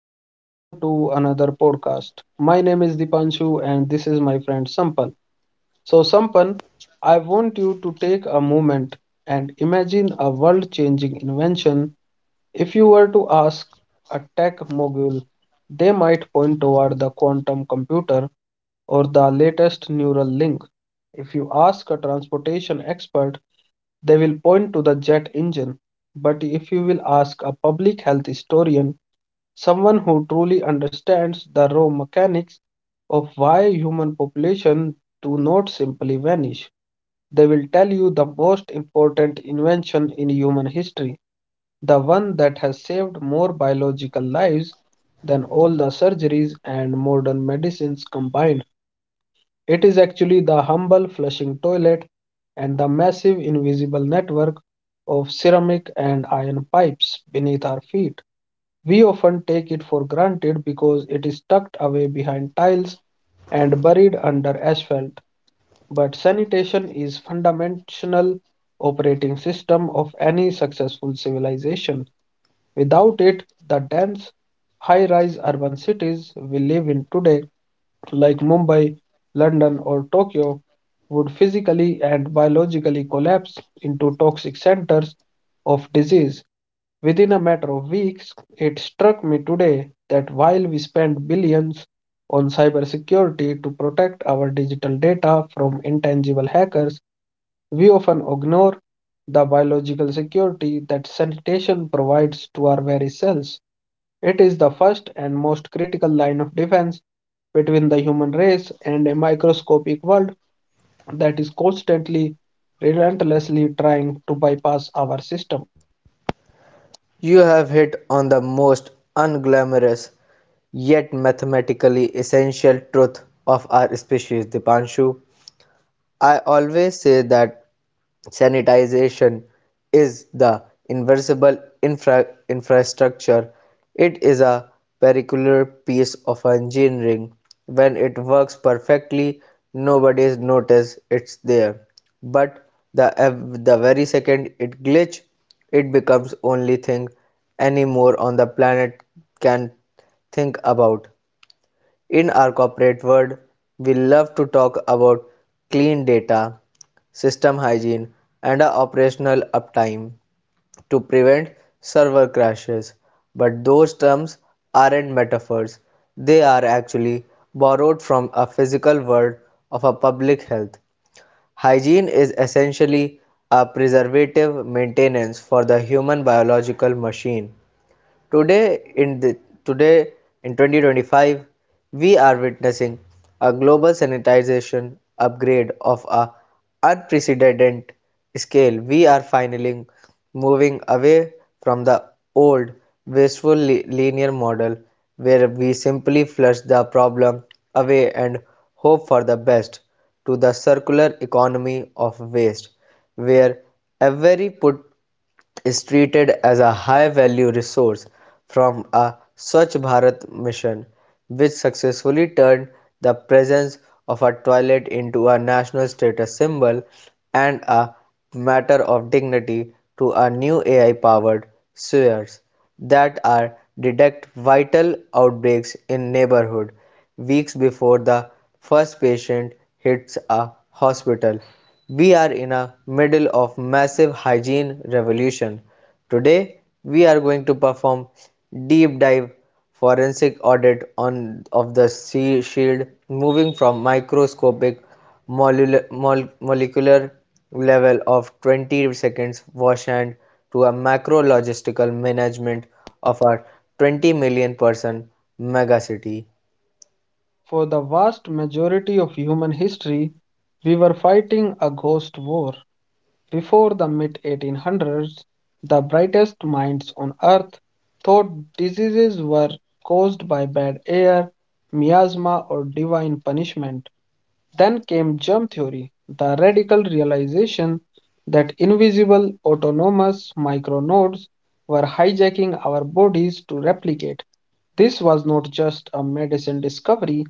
and welcome to another podcast. My name is Dipanshu, and this is my friend Sampal. So, Sampal, I want you to take a moment and imagine a world changing invention. If you were to ask a tech mogul, they might point toward the quantum computer or the latest neural link. If you ask a transportation expert, they will point to the jet engine. But if you will ask a public health historian, someone who truly understands the raw mechanics of why human population do not simply vanish. They will tell you the most important invention in human history, the one that has saved more biological lives than all the surgeries and modern medicines combined. It is actually the humble flushing toilet and the massive invisible network of ceramic and iron pipes beneath our feet. We often take it for granted because it is tucked away behind tiles and buried under asphalt, but sanitation is fundamental operating system of any successful civilization. Without it, the dense, high rise urban cities we live in today, like Mumbai, London, or Tokyo, would physically and biologically collapse into toxic centers of disease. Within a matter of weeks, it struck me today that while we spend billions on cybersecurity to protect our digital data from intangible hackers, we often ignore the biological security that sanitation provides to our very cells. It is the first and most critical line of defense between the human race and a microscopic world that is constantly, relentlessly trying to bypass our system. You have hit on the most unglamorous, yet mathematically essential truth of our species, Dipanshu. I always say that sanitization is the inversible infrastructure. It is a particular piece of engineering. When it works perfectly, nobody's noticed it's there. But the very second it glitch, it becomes only thing anymore on the planet can think about. In our corporate world, we love to talk about clean data, system hygiene, and operational uptime to prevent server crashes. But those terms aren't metaphors, they are actually borrowed from a physical world of a public health. Hygiene is essentially a preservative maintenance for the human biological machine. Today in the today in 2025, we are witnessing a global sanitization upgrade of a unprecedented scale. We are finally moving away from the old wasteful linear model, where we simply flush the problem away and hope for the best, to the circular economy of waste, where every put is treated as a high value resource, from a Swachh Bharat mission, which successfully turned the presence of a toilet into a national status symbol and a matter of dignity, to our new AI powered sewers that are detect vital outbreaks in neighborhood weeks before the first patient hits a hospital. We are in the middle of massive hygiene revolution. Today we are going to perform deep dive forensic audit on of the sea shield, moving from microscopic molecular level of 20 seconds wash hand to a macro logistical management of our 20 million person megacity. For the vast majority of human history, we were fighting a ghost war. Before the mid 1800s, the brightest minds on earth thought diseases were caused by bad air, miasma, or divine punishment. Then came germ theory, the radical realization that invisible autonomous micronodes were hijacking our bodies to replicate. This was not just a medicine discovery,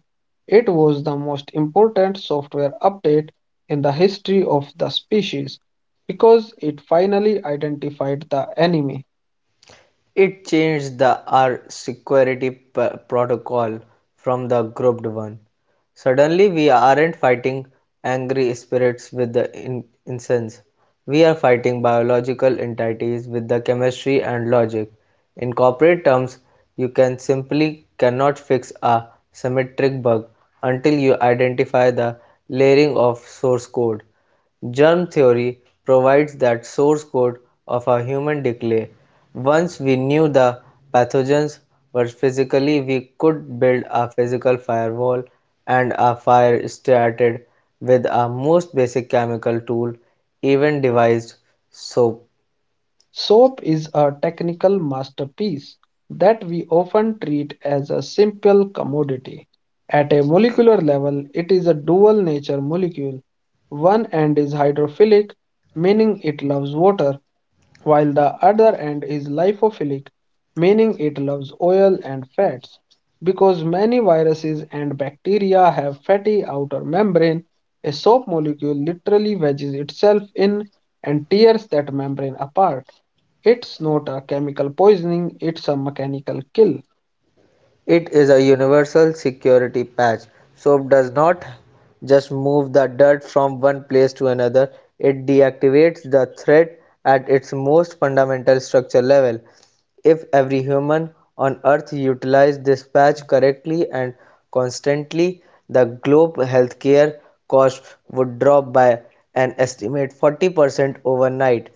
it was the most important software update in the history of the species because it finally identified the enemy. It changed the R security protocol from the grouped one. Suddenly we aren't fighting angry spirits with the incense. We are fighting biological entities with the chemistry and logic. In corporate terms, you can simply cannot fix a symmetric bug until you identify the layering of source code. Germ theory provides that source code of our human decay. Once we knew the pathogens were physically, we could build a physical firewall, and a fire started with our most basic chemical tool, even devised soap. SOAP is a technical masterpiece that we often treat as a simple commodity. At a molecular level, it is a dual nature molecule. One end is hydrophilic, meaning it loves water, while the other end is lipophilic, meaning it loves oil and fats. Because many viruses and bacteria have fatty outer membrane, a soap molecule literally wedges itself in and tears that membrane apart. It's not a chemical poisoning, it's a mechanical kill. It is a universal security patch, so does not just move the dirt from one place to another, it deactivates the threat at its most fundamental structure level. If every human on earth utilized this patch correctly and constantly, the globe healthcare cost would drop by an estimate 40% overnight.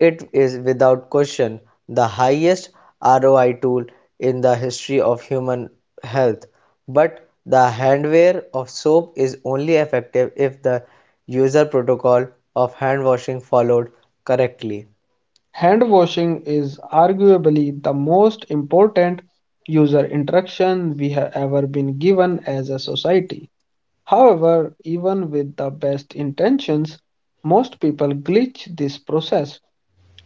It is without question the highest ROI tool in the history of human health, but the handwear of soap is only effective if the user protocol of handwashing followed correctly. Hand washing is arguably the most important user interaction we have ever been given as a society. However, even with the best intentions, most people glitch this process.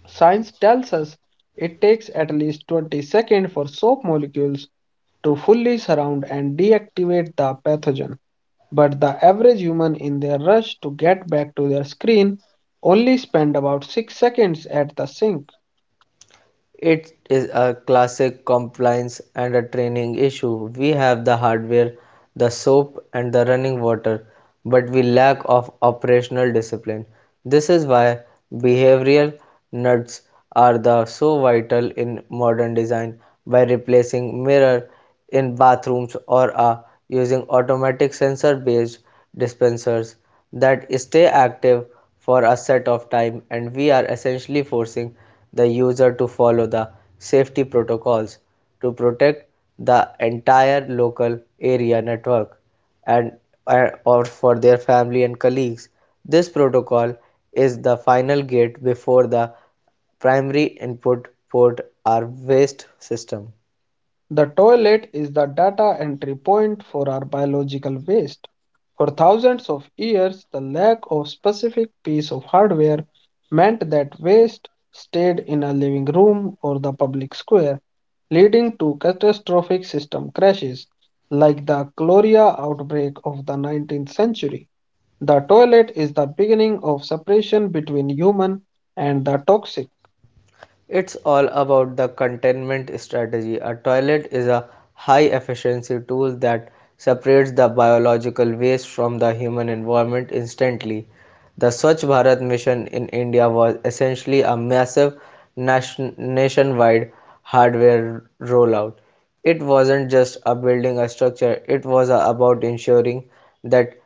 Science tells us it takes at least 20 seconds for soap molecules to fully surround and deactivate the pathogen. But the average human in their rush to get back to their screen only spend about 6 seconds at the sink. It is a classic compliance and a training issue. We have the hardware, the soap, and the running water, but we lack of operational discipline. This is why behavioral nuts are the so vital in modern design, by replacing mirror in bathrooms or are using automatic sensor-based dispensers that stay active for a set of time, and we are essentially forcing the user to follow the safety protocols to protect the entire local area network and or for their family and colleagues. This protocol is the final gate before the primary input port or waste system. The toilet is the data entry point for our biological waste. For thousands of years, the lack of specific piece of hardware meant that waste stayed in a living room or the public square, leading to catastrophic system crashes like the cholera outbreak of the 19th century. The toilet is the beginning of separation between human and the toxic. It's all about the containment strategy. A toilet is a high efficiency tool that separates the biological waste from the human environment instantly. The Swachh Bharat mission in India was essentially a massive nationwide hardware rollout. It wasn't just a building a structure, it was about ensuring that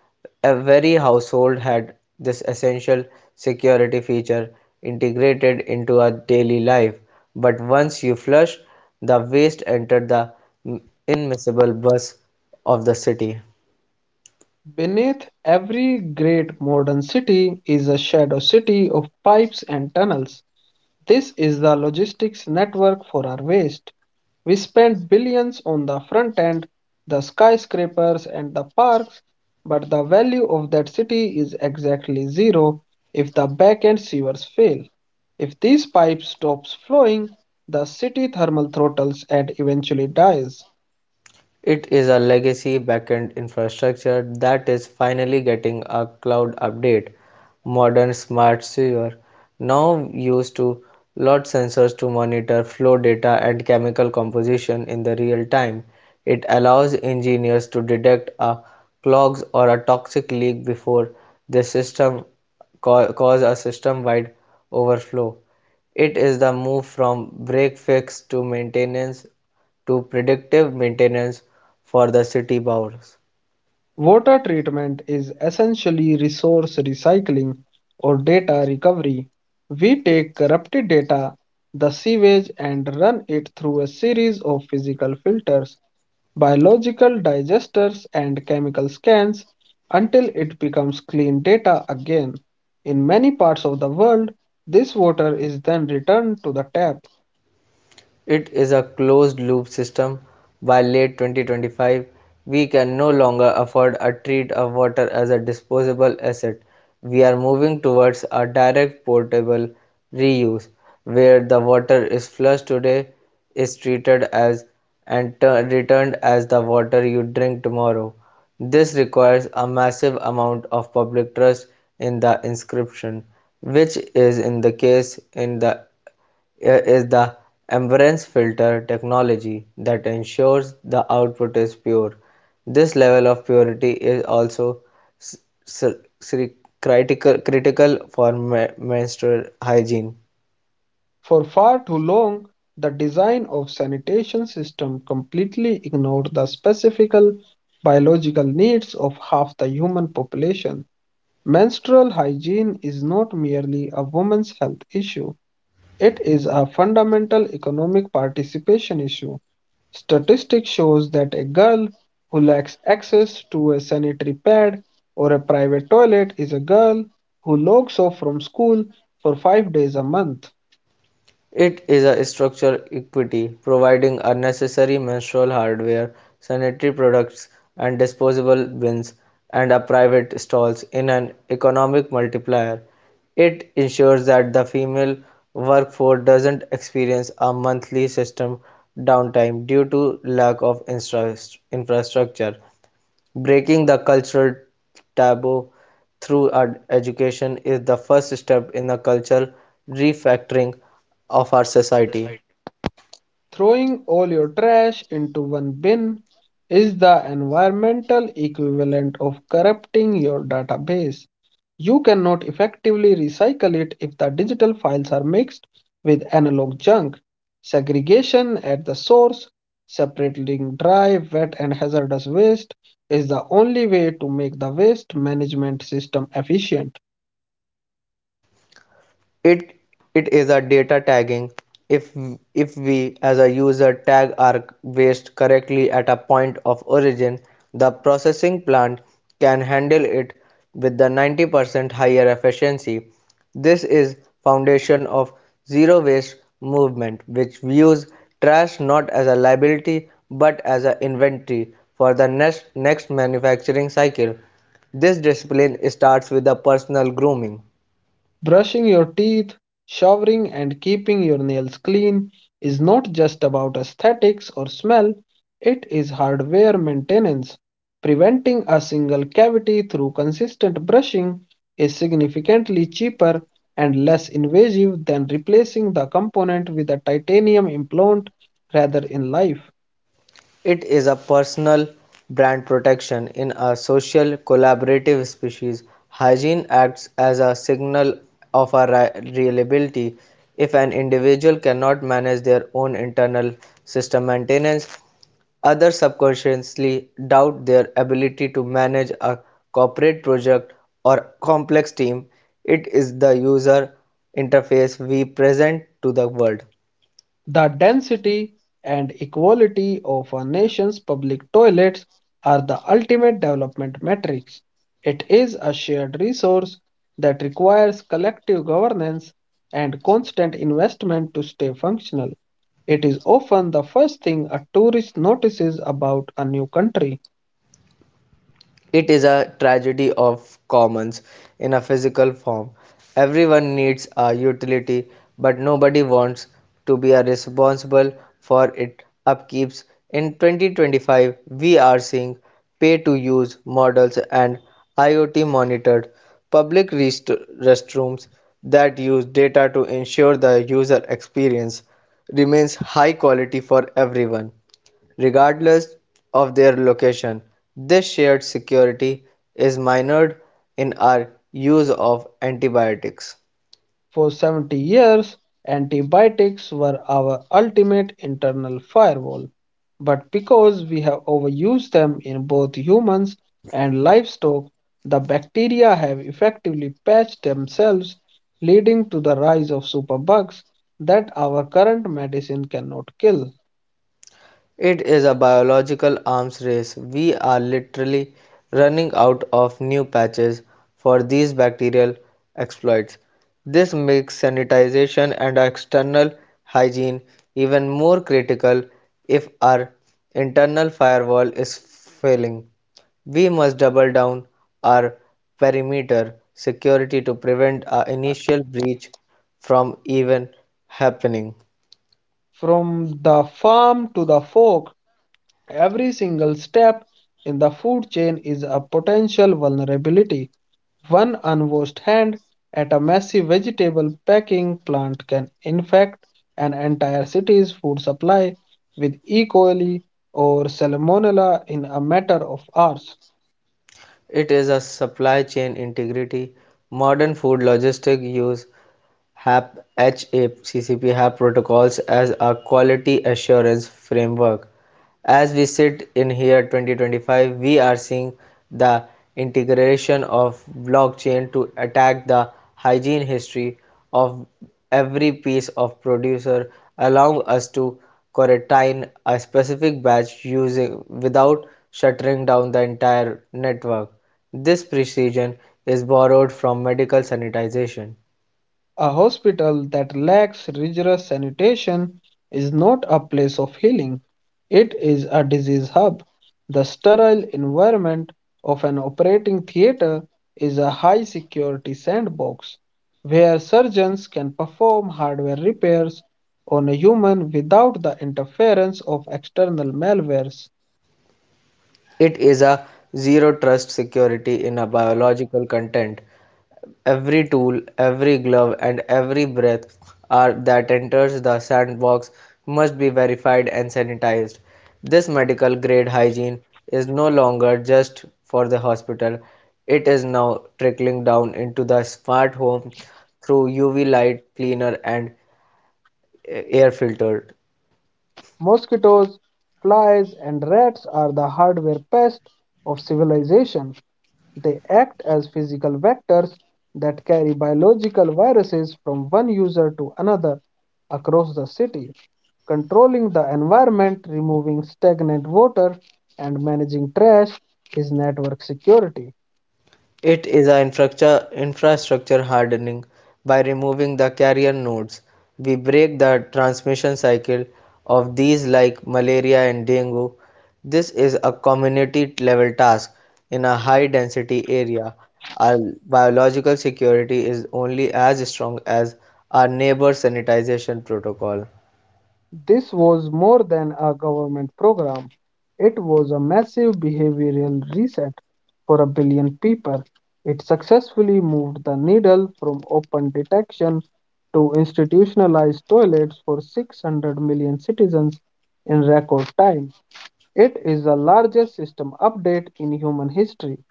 every household had this essential security feature integrated into our daily life. But once you flush, the waste entered the immiscible bus of the city. Beneath every great modern city is a shadow city of pipes and tunnels. This is the logistics network for our waste. We spend billions on the front end, the skyscrapers and the parks, but the value of that city is exactly zero if the back end sewers fail. If these pipes stops flowing, the city thermal throttles and eventually dies. It is a legacy backend infrastructure that is finally getting a cloud update. Modern smart sewer now use to lot sensors to monitor flow data and chemical composition in the real time. It allows engineers to detect a clogs or a toxic leak before the system cause a system-wide overflow. It is the move from break fix to maintenance to predictive maintenance for the city boards. Water treatment is essentially resource recycling or data recovery. We take corrupted data, the sewage, and run it through a series of physical filters, biological digesters, and chemical scans until it becomes clean data again. In many parts of the world, this water is then returned to the tap. It is a closed loop system. By late 2025, we can no longer afford to treat our water as a disposable asset. We are moving towards a direct portable reuse, where the water is flushed today is treated as and returned as the water you drink tomorrow. This requires a massive amount of public trust in the inscription, which is in the case in the is the amberance filter technology that ensures the output is pure. This level of purity is also critical for menstrual hygiene. For far too long, the design of sanitation system completely ignored the specific biological needs of half the human population. Menstrual hygiene is not merely a woman's health issue, it is a fundamental economic participation issue. Statistics shows that a girl who lacks access to a sanitary pad or a private toilet is a girl who logs off from school for 5 days a month. It is a structural equity, providing a necessary menstrual hardware, sanitary products, and disposable bins, and a private stalls in an economic multiplier. It ensures that the female workforce doesn't experience a monthly system downtime due to lack of infrastructure. Breaking the cultural taboo through education is the first step in the cultural refactoring of our society. Throwing all your trash into one bin is the environmental equivalent of corrupting your database. You cannot effectively recycle it if the digital files are mixed with analog junk. Segregation at the source, separating dry, wet, and hazardous waste, is the only way to make the waste management system efficient. It it is a data tagging. If if we as a user tag our waste correctly at a point of origin, the processing plant can handle it with the 90% higher efficiency. This is foundation of zero waste movement, which views trash not as a liability but as an inventory for the next manufacturing cycle. This discipline starts with the personal grooming. Brushing your teeth, showering, and keeping your nails clean is not just about aesthetics or smell, it is hardware maintenance. Preventing a single cavity through consistent brushing is significantly cheaper and less invasive than replacing the component with a titanium implant rather in life. It is a personal brand protection in a social collaborative species. Hygiene acts as a signal of our reliability. If an individual cannot manage their own internal system maintenance, others subconsciously doubt their ability to manage a corporate project or complex team. It is the user interface we present to the world. The density and equality of a nation's public toilets are the ultimate development metrics. It is a shared resource that requires collective governance and constant investment to stay functional. It is often the first thing a tourist notices about a new country. It is a tragedy of commons in a physical form. Everyone needs a utility, but nobody wants to be responsible for its upkeeps. In 2025, we are seeing pay to use models and IoT monitored public restrooms that use data to ensure the user experience remains high quality for everyone, regardless of their location. This shared security is minored in our use of antibiotics. For 70 years, antibiotics were our ultimate internal firewall. But because we have overused them in both humans and livestock, the bacteria have effectively patched themselves, leading to the rise of superbugs that our current medicine cannot kill. It is a biological arms race. We are literally running out of new patches for these bacterial exploits. This makes sanitization and external hygiene even more critical if our internal firewall is failing. We must double down our perimeter security to prevent our initial breach from even happening. From the farm to the fork, every single step in the food chain is a potential vulnerability. One unwashed hand at a massive vegetable packing plant can infect an entire city's food supply with E. coli or Salmonella in a matter of hours. It is a supply chain integrity modern food logistics use. HAP HACCP HAP protocols as a quality assurance framework. As we sit in here 2025, we are seeing the integration of blockchain to attack the hygiene history of every piece of producer, allowing us to quarantine a specific batch using without shuttering down the entire network. This precision is borrowed from medical sanitization. A hospital that lacks rigorous sanitation is not a place of healing. It is a disease hub. The sterile environment of an operating theater is a high security sandbox where surgeons can perform hardware repairs on a human without the interference of external malwares. It is a zero trust security in a biological content. Every tool, every glove, and every breath are, that enters the sandbox must be verified and sanitized. This medical grade hygiene is no longer just for the hospital, it is now trickling down into the smart home through UV light cleaner and air filter. Mosquitoes, flies, and rats are the hardware pests of civilization. They act as physical vectors that carry biological viruses from one user to another across the city, controlling the environment, removing stagnant water, and managing trash is network security. It is an infrastructure hardening. By removing the carrier nodes, we break the transmission cycle of these like malaria and dengue. This is a community level task in a high density area. Our biological security is only as strong as our neighbor sanitization protocol. This was more than a government program. It was a massive behavioral reset for a billion people. It successfully moved the needle from open detection to institutionalized toilets for 600 million citizens in record time. It is the largest system update in human history.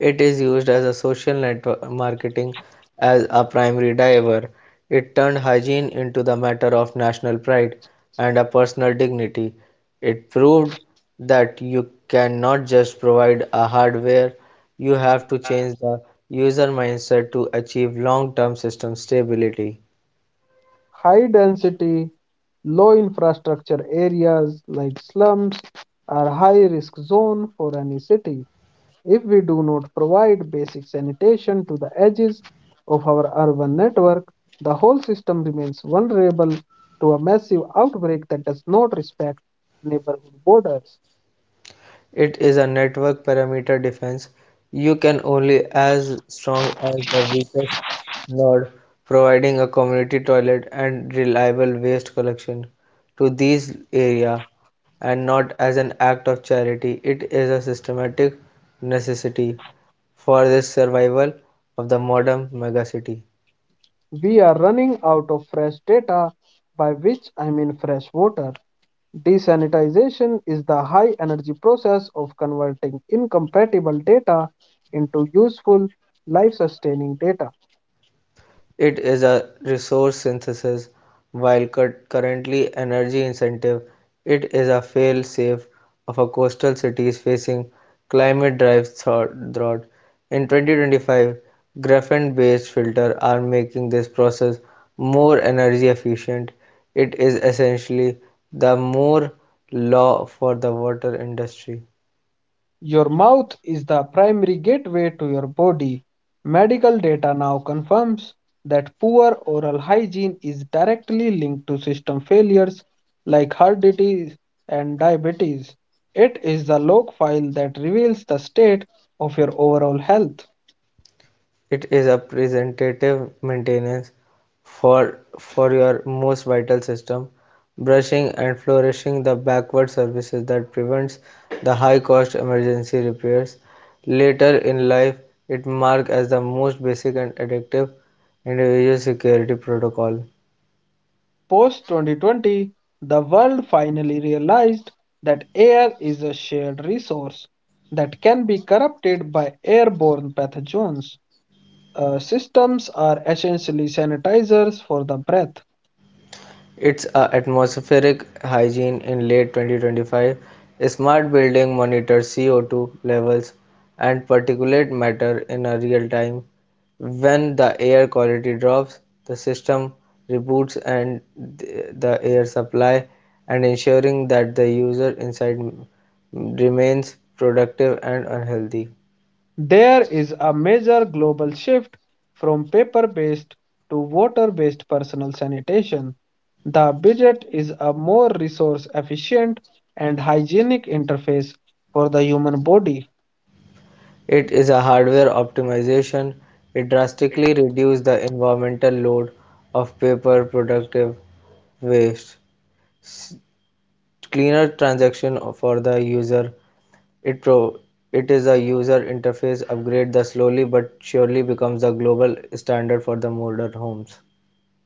It is used as a social network marketing as a primary driver. It turned hygiene into the matter of national pride and a personal dignity. It proved that you cannot just provide a hardware, you have to change the user mindset to achieve long-term system stability. High density, low infrastructure areas like slums are high risk zone for any city. If we do not provide basic sanitation to the edges of our urban network, the whole system remains vulnerable to a massive outbreak that does not respect neighborhood borders. It is a network parameter defense. You can only as strong as the weakest node, providing a community toilet and reliable waste collection to these area, and not as an act of charity. It is a systematic necessity for the survival of the modern megacity. We are running out of fresh data, by which I mean fresh water. Desanitization is the high energy process of converting incompatible data into useful, life sustaining data. It is a resource synthesis, while currently energy incentive. It is a fail-safe of a coastal cities facing climate drive drought. In 2025, graphene-based filters are making this process more energy efficient. It is essentially the Moore law for the water industry. Your mouth is the primary gateway to your body. Medical data now confirms that poor oral hygiene is directly linked to system failures like heart disease and diabetes. It is the log file that reveals the state of your overall health. It is a preventative maintenance for for your most vital system. Brushing and flourishing the backward services that prevents the high-cost emergency repairs. Later in life, it marked as the most basic and effective individual security protocol. Post 2020, the world finally realized that air is a shared resource that can be corrupted by airborne pathogens. Systems are essentially sanitizers for the breath. Its atmospheric hygiene. In late 2025, smart building monitors CO2 levels and particulate matter in a real time. When the air quality drops, the system reboots and the air supply, and ensuring that the user inside remains productive and unhealthy. There is a major global shift from paper based to water based personal sanitation. The budget is a more resource efficient and hygienic interface for the human body. It is a hardware optimization. It drastically reduces the environmental load of paper productive waves, cleaner transaction for the user. It pro it is a user interface upgrade that slowly but surely becomes the global standard for the modern homes.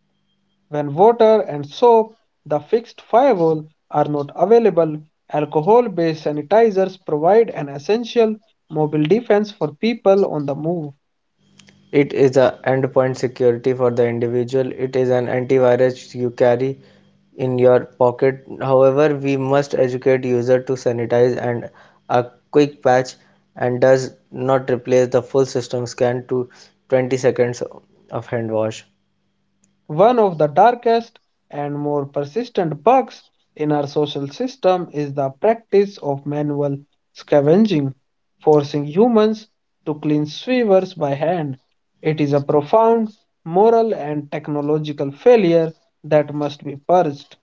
When water and soap, the fixed firewall, are not available, alcohol based sanitizers provide an essential mobile defense for people on the move. It is a endpoint security for the individual. It is an antivirus you carry in your pocket. However, we must educate user to sanitize, and a quick patch and does not replace the full system scan to 20 seconds of hand wash. One of the darkest and more persistent bugs in our social system is the practice of manual scavenging, forcing humans to clean sewers by hand. It is a profound moral and technological failure that must be purged.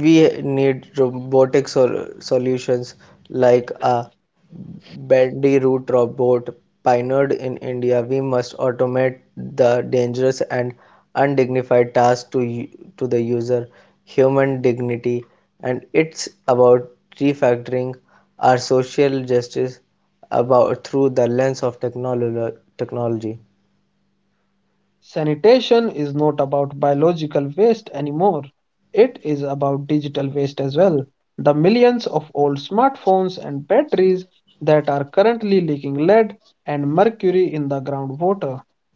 We need robotic solutions like a bandiroot robot pioneered in India. We must automate the dangerous and undignified tasks to the user, human dignity, and it's about refactoring our social justice about through the lens of technology. Sanitation is not about biological waste anymore. It is about digital waste as well. The millions of old smartphones and batteries that are currently leaking lead and mercury in the groundwater.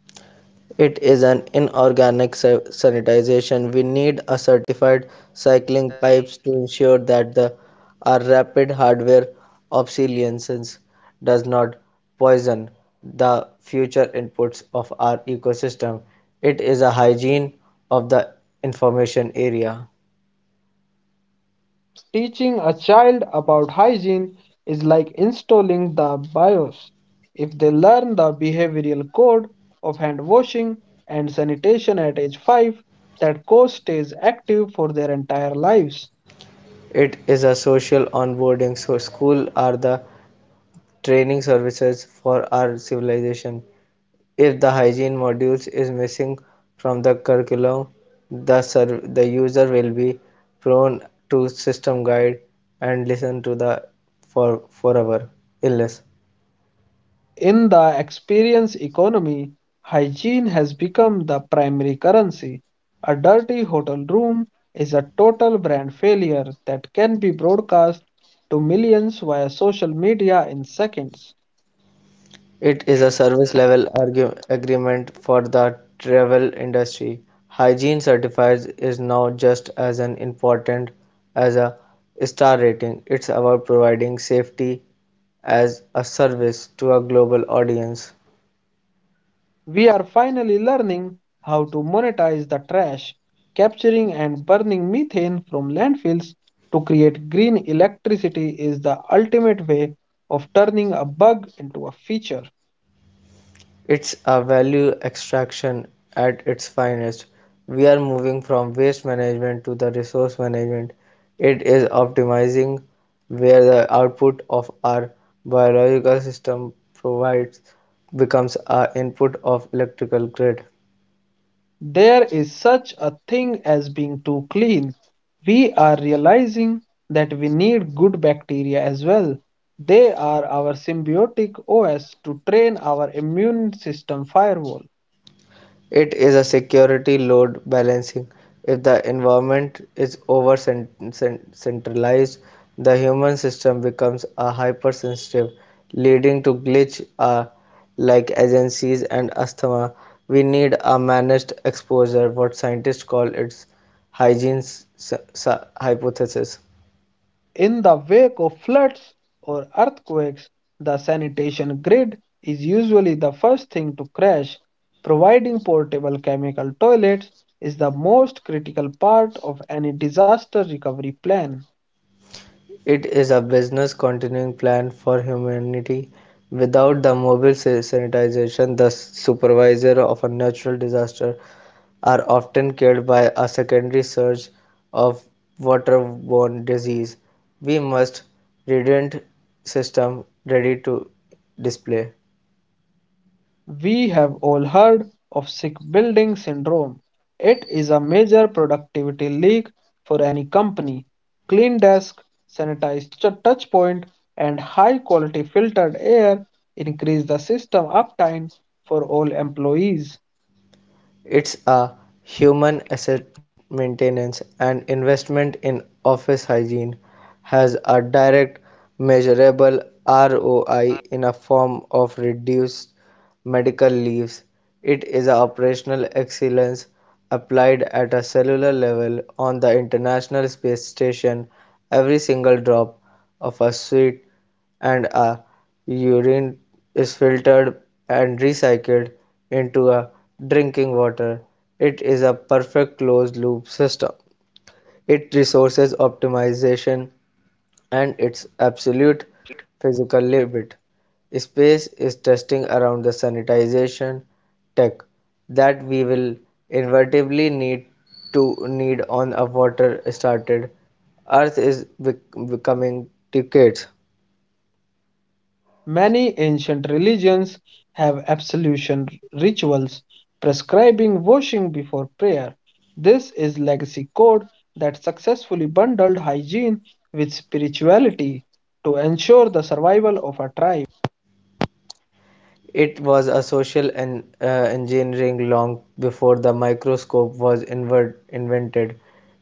It is an inorganic sanitization. We need a certified cycling pipes to ensure that the our rapid hardware obsolescence does not poison the future inputs of our ecosystem. It is a hygiene of the information area. Teaching a child about hygiene is like installing the BIOS. If they learn the behavioral code of hand washing and sanitation at age 5, that course stays active for their entire lives. It is a social onboarding. So school are the training services for our civilization. If the hygiene modules is missing from the curriculum, the user will be prone to system guide and listen to the forever illness. In the experience economy, hygiene has become the primary currency. A dirty hotel room is a total brand failure that can be broadcast to millions via social media in seconds. It is a service level agreement for the travel industry. Hygiene certifies is now just as an important as a star rating. It's about providing safety as a service to a global audience. We are finally learning how to monetize the trash, capturing and burning methane from landfills to create green electricity is the ultimate way of turning a bug into a feature. It's a value extraction at its finest. We are moving from waste management to the resource management. It is optimizing where the output of our biological system provides becomes our input of electrical grid. There is such a thing as being too clean. We are realizing that we need good bacteria as well. They are our symbiotic OS to train our immune system firewall. It is a security load balancing: if the environment is over-centralized, the human system becomes a hypersensitive, leading to glitches like agencies and asthma. We need a managed exposure, what scientists call its hygiene hypothesis. In the wake of floods or earthquakes, the sanitation grid is usually the first thing to crash. Providing portable chemical toilets is the most critical part of any disaster recovery plan. It is a business continuing plan for humanity. Without the mobile sanitization, the supervisor of a natural disaster are often killed by a secondary surge of waterborne disease. We must redundant system ready to display. We have all heard of sick building syndrome. It is a major productivity leak for any company. Clean desk, sanitized touch point, and high quality filtered air increase the system uptime for all employees. It's a human asset maintenance, and investment in office hygiene has a direct measurable ROI in a form of reduced medical leaves. It is a operational excellence applied at a cellular level on the International Space Station. Every single drop of a sweat and urine is filtered and recycled into a drinking water. It is a perfect closed loop system. It resources optimization and its absolute physical limit. Space is testing around the sanitization tech that we will inevitably need on a water started. Earth is becoming decades. Many ancient religions have absolution rituals prescribing washing before prayer. This is legacy code that successfully bundled hygiene with spirituality to ensure the survival of a tribe. It was a social engineering long before the microscope was invented.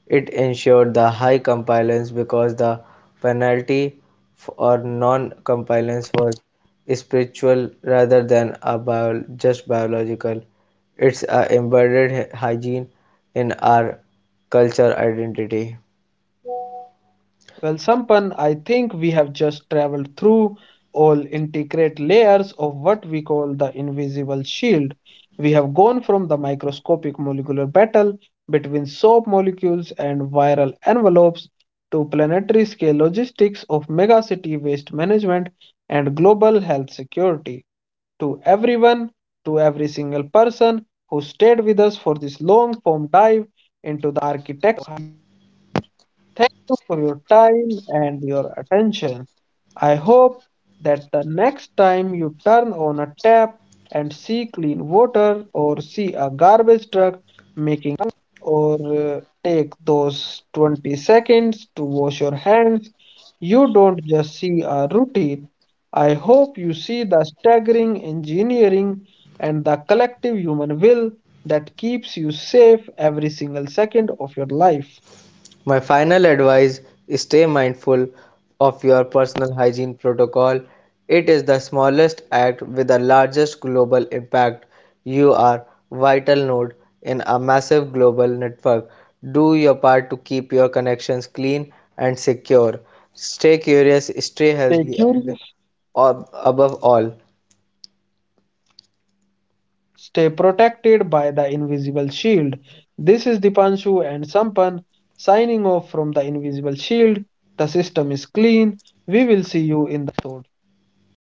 It ensured the high compliance because the penalty for non-compliance was spiritual rather than a just biological. It's a embedded hygiene in our culture identity. Well, Sampan, I think we have just traveled through all intricate layers of what we call the invisible shield. We have gone from the microscopic molecular battle between soap molecules and viral envelopes to planetary scale logistics of megacity waste management and global health security. To everyone, to every single person who stayed with us for this long form dive into the architecture. Thank you for your time and your attention. I hope that the next time you turn on a tap and see clean water or see a garbage truck making or take those 20 seconds to wash your hands, you don't just see a routine. I hope you see the staggering engineering and the collective human will that keeps you safe every single second of your life. My final advice is stay mindful of your personal hygiene protocol. It is the smallest act with the largest global impact. You are vital node in a massive global network. Do your part to keep your connections clean and secure. Stay curious, stay Stay healthy, and curious. ab- above all, Stay protected by the invisible shield. This is Dipanshu and Sampan signing off from the invisible shield. The system is clean. We will see you in the episode.